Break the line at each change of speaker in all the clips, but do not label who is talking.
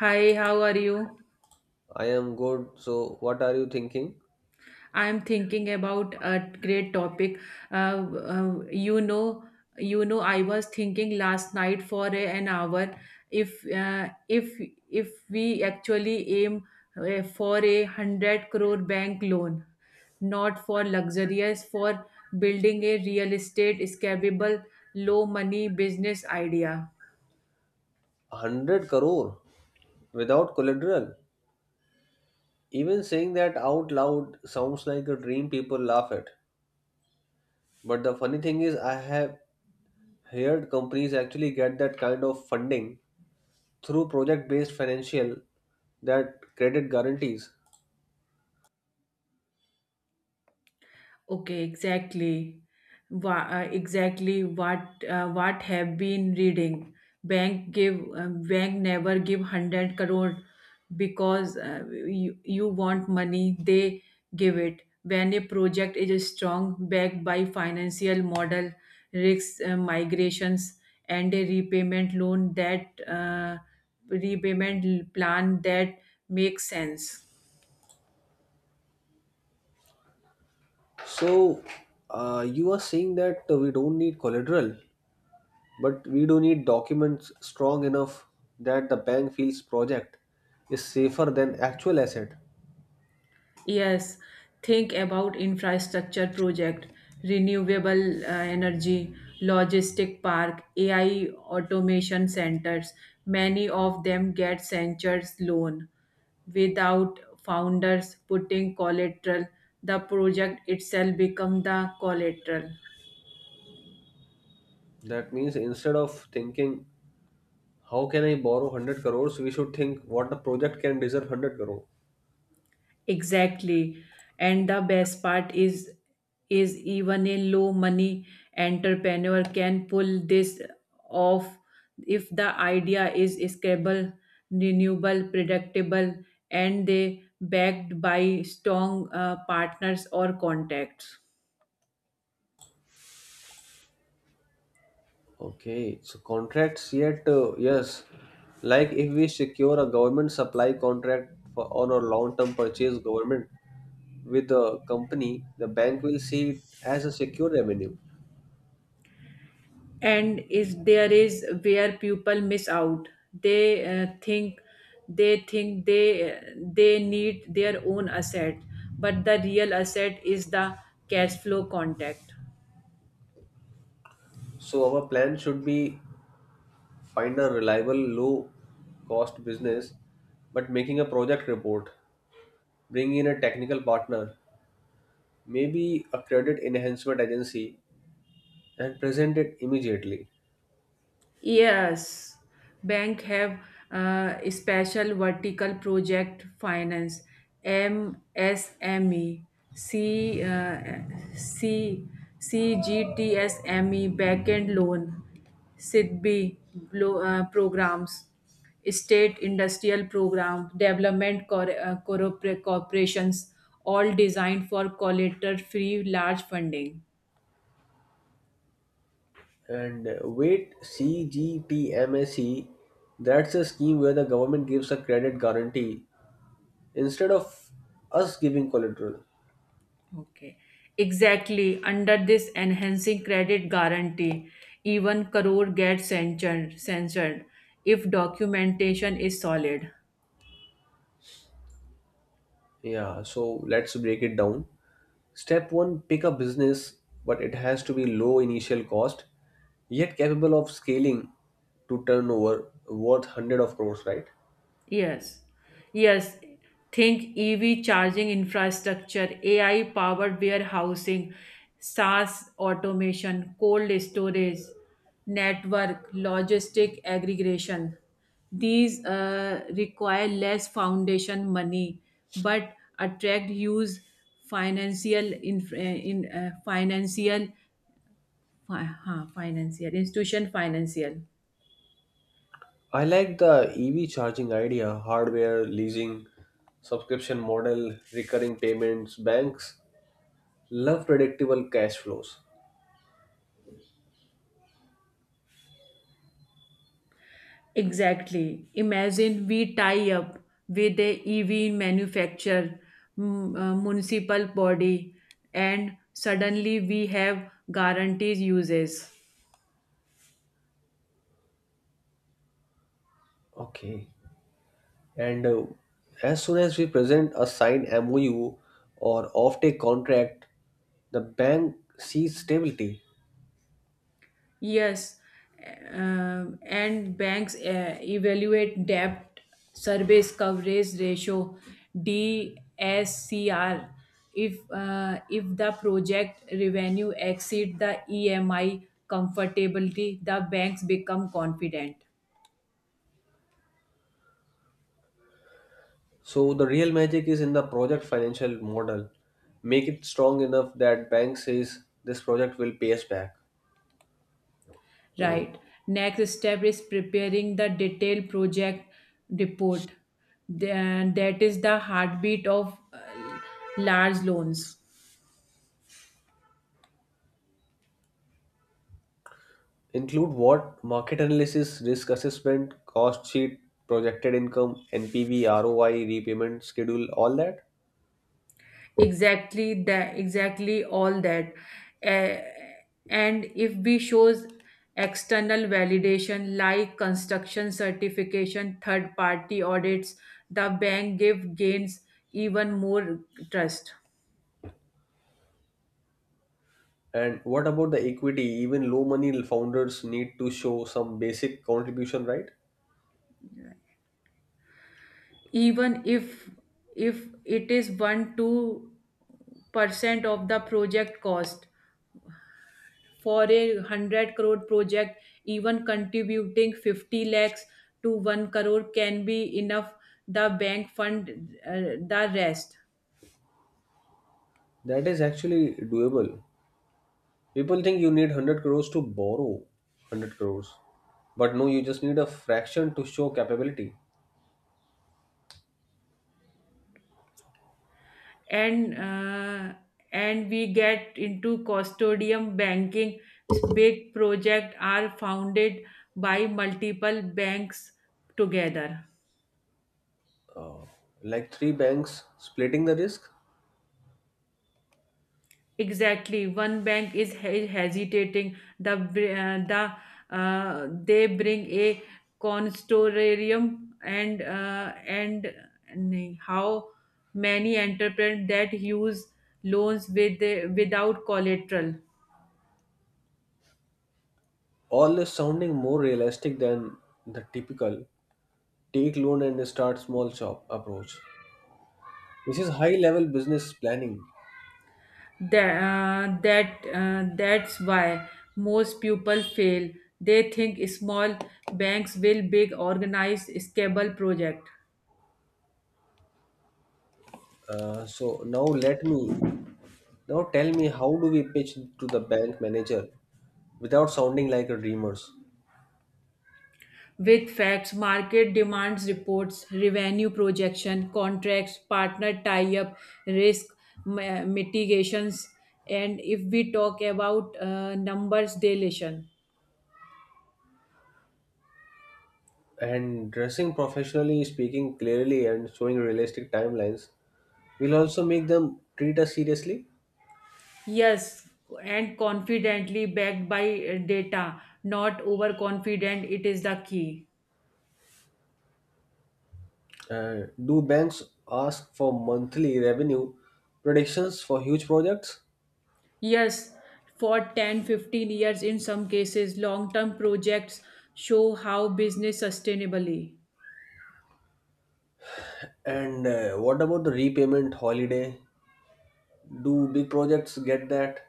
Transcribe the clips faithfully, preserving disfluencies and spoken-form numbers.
Hi, how are you?
I am good. So, what are you thinking?
I'm thinking about a great topic. Uh, uh, you know, you know, I was thinking last night for a- an hour, if uh, if if we actually aim uh, for a hundred crore bank loan, not for luxurious, for building a real estate scalable, low money business idea.
100 crore without collateral. Even saying that out loud sounds like a dream people laugh at. But the funny thing is, I have heard companies actually get that kind of funding through project based financial that credit guarantees.
Okay, exactly. Wha- uh, exactly what uh, what have been reading. Bank give uh, bank never give one hundred crore, because uh, you, you want money. They give it when a project is strong, backed by financial model, risks uh, migrations, and a repayment loan that uh, repayment plan that makes sense.
So, uh, you are saying that we don't need collateral, but we do need documents strong enough that the bank feels project is safer than actual asset.
Yes, think about infrastructure project, renewable uh, energy, logistic park, A I automation centers. Many of them get centers loan without founders putting collateral. The project itself become the collateral.
That means instead of thinking, how can I borrow hundred crores, we should think what the project can deserve hundred crore.
Exactly. And the best part is is even a low money entrepreneur can pull this off if the idea is scalable, renewable, predictable, and they backed by strong uh, partners or contacts.
Okay, so contracts yet, uh, yes. Like if we secure a government supply contract for, on a long-term purchase government with the company, the bank will see it as a secure revenue.
And is there is where people miss out, they uh, think they think they they need their own asset, but the real asset is the cash flow contact.
So our plan should be find a reliable low-cost business, but making a project report, bring in a technical partner, maybe a credit enhancement agency and present it immediately.
Yes, bank have uh, special vertical project finance M S M E C uh, C C G T S M E backend loan, SIDBI blo- uh, programs, state industrial program development cor- uh, corpor- corporations, all designed for collateral free large funding.
And uh, wait, C G T M S E, that's a scheme where the government gives a credit guarantee instead of us giving collateral.
Okay, exactly. Under this enhancing credit guarantee, even crore gets censored, censored if documentation is solid.
Yeah, so let's break it down. Step one, pick a business, but it has to be low initial cost, yet capable of scaling to turnover worth hundred of crores, right?
Yes, yes. Think E V charging infrastructure, A I powered warehousing, SaaS automation, cold storage, network, logistic aggregation. These uh, require less foundation money, but attract huge financial, in, in uh, financial, fi- huh, financial institution financial.
I like the E V charging idea, hardware, leasing, subscription model, recurring payments, banks. Love predictable cash flows.
Exactly. Imagine we tie up with a E V manufacturer, mm, uh, municipal body, and suddenly we have guarantees uses.
Okay. And uh, as soon as we present a signed M O U or offtake contract, the bank sees stability.
Yes, um, and banks uh, evaluate debt service coverage ratio D S C R. if uh, if the project revenue exceed the E M I comfortably, the banks become confident.
So the real magic is in the project financial model. Make it strong enough that bank says this project will pay us back.
Right. Next step is preparing the detailed project report. Then that is the heartbeat of uh, large loans.
Include what? Market analysis, risk assessment, cost sheet, projected income, N P V, R O I, repayment schedule, all that.
Exactly that. Exactly all that. Uh, and if we shows external validation like construction certification, third party audits, the bank give gains even more trust.
And what about the equity? Even low money founders need to show some basic contribution, right?
Even if if it is one two percent of the project cost for a one hundred crore project, even contributing fifty lakhs to one crore can be enough. The bank fund uh, the rest.
That is actually doable. People think you need hundred crores to borrow hundred crores, but no, you just need a fraction to show capability.
And uh, and we get into custodium banking. Big projects are founded by multiple banks together.
Uh, like three banks splitting the risk.
Exactly. One bank is he- hesitating. The br- uh, the uh, they bring a consortium, and uh, and and how many entrepreneurs that use loans with without collateral.
All is sounding more realistic than the typical take loan and start small shop approach. This is high level business planning.
That uh, that uh, that's why most people fail. They think small, banks will big organized scalable project.
Uh, so now let me now tell me, how do we pitch to the bank manager without sounding like a dreamers?
With facts, market demands reports, revenue projection, contracts, partner tie-up, risk ma- mitigations, and if we talk about uh, numbers deletion.
And dressing professionally, speaking clearly and showing realistic timelines will also make them treat us seriously.
Yes, and confidently backed by uh, data, not overconfident. It is the key.
Uh, do banks ask for monthly revenue predictions for huge projects?
Yes, for ten, fifteen years, in some cases long term projects show how business sustainably.
And uh, what about the repayment holiday? Do big projects get that?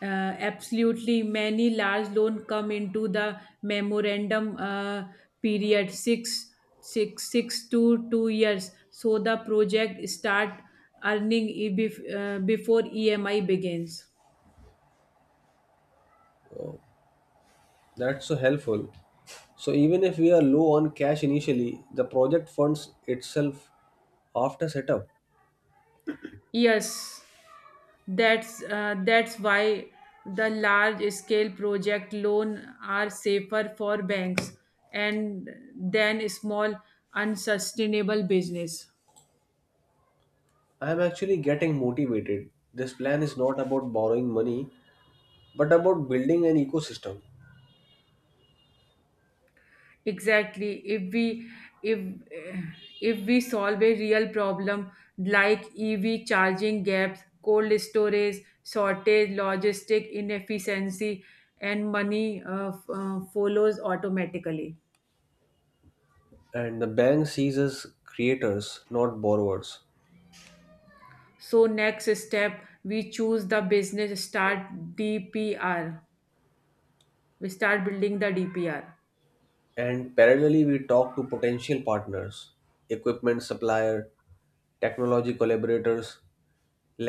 Uh, Absolutely. Many large loan come into the memorandum uh, period, six, six, six to two years, so the project start earning e- bef- uh, before E M I begins.
That's so helpful. So even if we are low on cash initially, the project funds itself after setup.
Yes, that's uh, that's why the large scale project loan are safer for banks, and than small unsustainable business.
I am actually getting motivated. This plan is not about borrowing money but about building an ecosystem.
Exactly. If we if eh, if we solve a real problem like E V charging gaps, cold storage shortage, logistic inefficiency, and money uh, f- uh, follows automatically.
And the bank sees us creators, not borrowers.
So next step, we choose the business, start D P R. We start building the D P R.
And parallelly we talk to potential partners, equipment supplier, technology collaborators,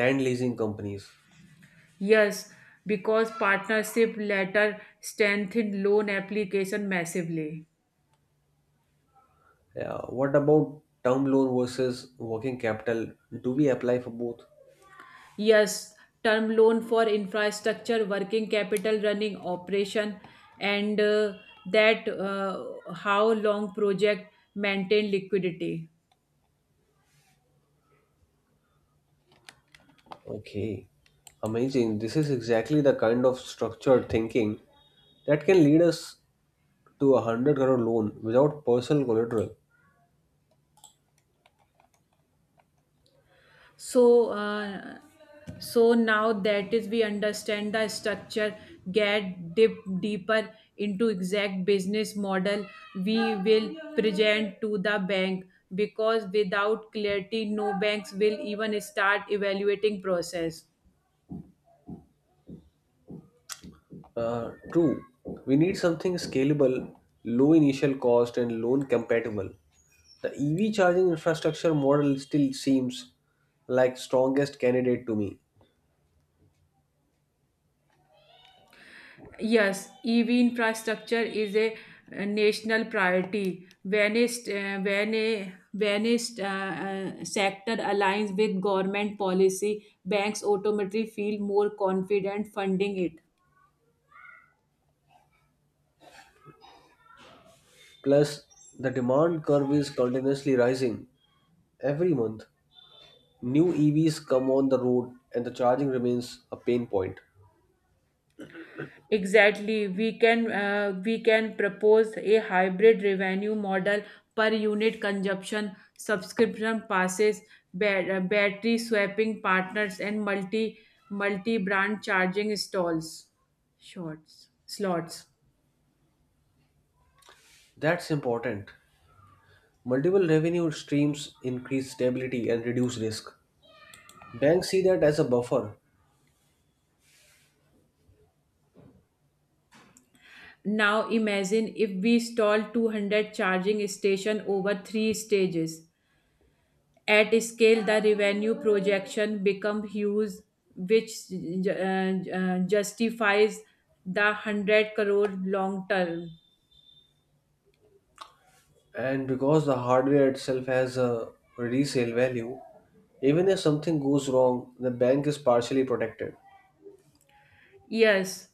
land leasing companies.
Yes, because partnership letter strengthened loan application massively.
Yeah. What about term loan versus working capital? Do we apply for both?
Yes, term loan for infrastructure, working capital, running operation, and uh, that uh, how long project maintain liquidity.
Okay. Amazing. This is exactly the kind of structured thinking that can lead us to a hundred crore loan without personal collateral.
So, uh, so now that is we understand the structure, get dip deeper into exact business model we will present to the bank, because without clarity no banks will even start evaluating process.
Uh, true. We need something scalable, low initial cost, and loan compatible. The E V charging infrastructure model still seems like strongest candidate to me.
Yes, E V infrastructure is a, uh, national priority. When a, st- uh, when a, when a st- uh, uh, sector aligns with government policy, banks automatically feel more confident funding it.
Plus, the demand curve is continuously rising. Every month, new E Vs come on the road and the charging remains a pain point.
Exactly. We can uh, we can propose a hybrid revenue model, per unit consumption, subscription passes, ba- uh, battery swapping partners, and multi multi brand charging stalls. Shorts slots.
That's important. Multiple revenue streams increase stability and reduce risk. Banks see that as a buffer,
Now imagine if we stall two hundred charging station over three stages. At scale, the revenue projection become huge, which uh, uh, justifies the one hundred crore long term.
and because the hardware itself has a resale value, even if something goes wrong, the bank is partially protected.
Yes,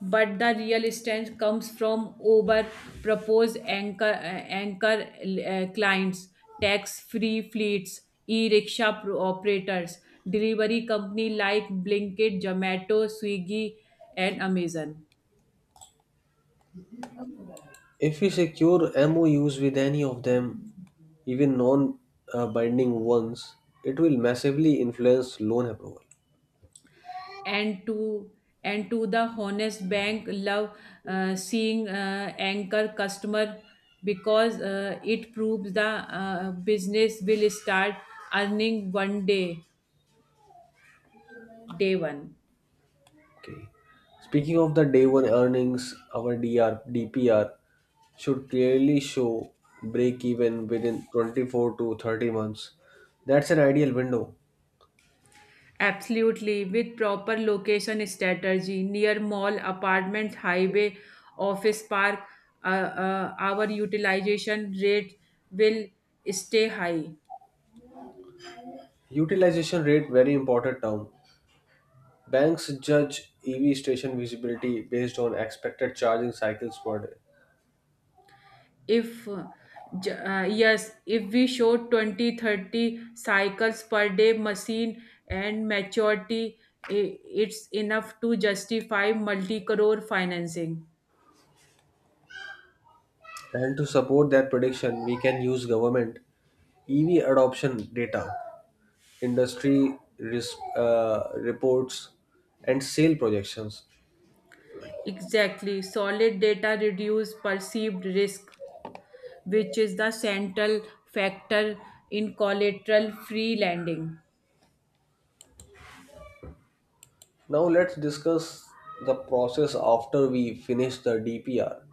but the real strength comes from over proposed anchor uh, anchor uh, clients, tax-free fleets, e-rickshaw pro- operators, delivery company like Blinkit, Zomato, Swiggy, and Amazon.
If we secure M O Us with any of them, even non uh, binding ones, it will massively influence loan approval.
and to and to the honest bank love uh, seeing uh, anchor customer, because uh, it proves the uh, business will start earning one day day one.
Okay. Speaking of the day one earnings, our DR, D P R should clearly show break even within twenty-four to thirty months. That's an ideal window.
Absolutely, with proper location strategy near mall apartment highway office park, uh, uh, our utilization rate will stay high.
Utilization rate, very important term. Banks judge E V station visibility based on expected charging cycles per day.
If uh, j- uh, yes if we show twenty thirty cycles per day machine and maturity, i- it's enough to justify multi crore financing.
And to support that prediction, we can use government E V adoption data, industry risk uh, reports, and sale projections.
Exactly. Solid data reduce perceived risk, which is the central factor in collateral free lending.
Now let's discuss the process after we finish the D P R.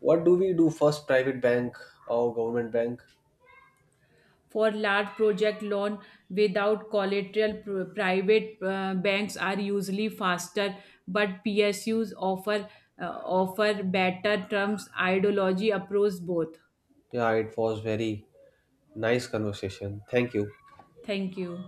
What do we do first, private bank or government bank?
For large project loan without collateral, Pr- private uh, banks are usually faster, but P S Us offer uh, offer better terms, ideology approves both.
Yeah, it was very nice conversation. Thank you.
Thank you.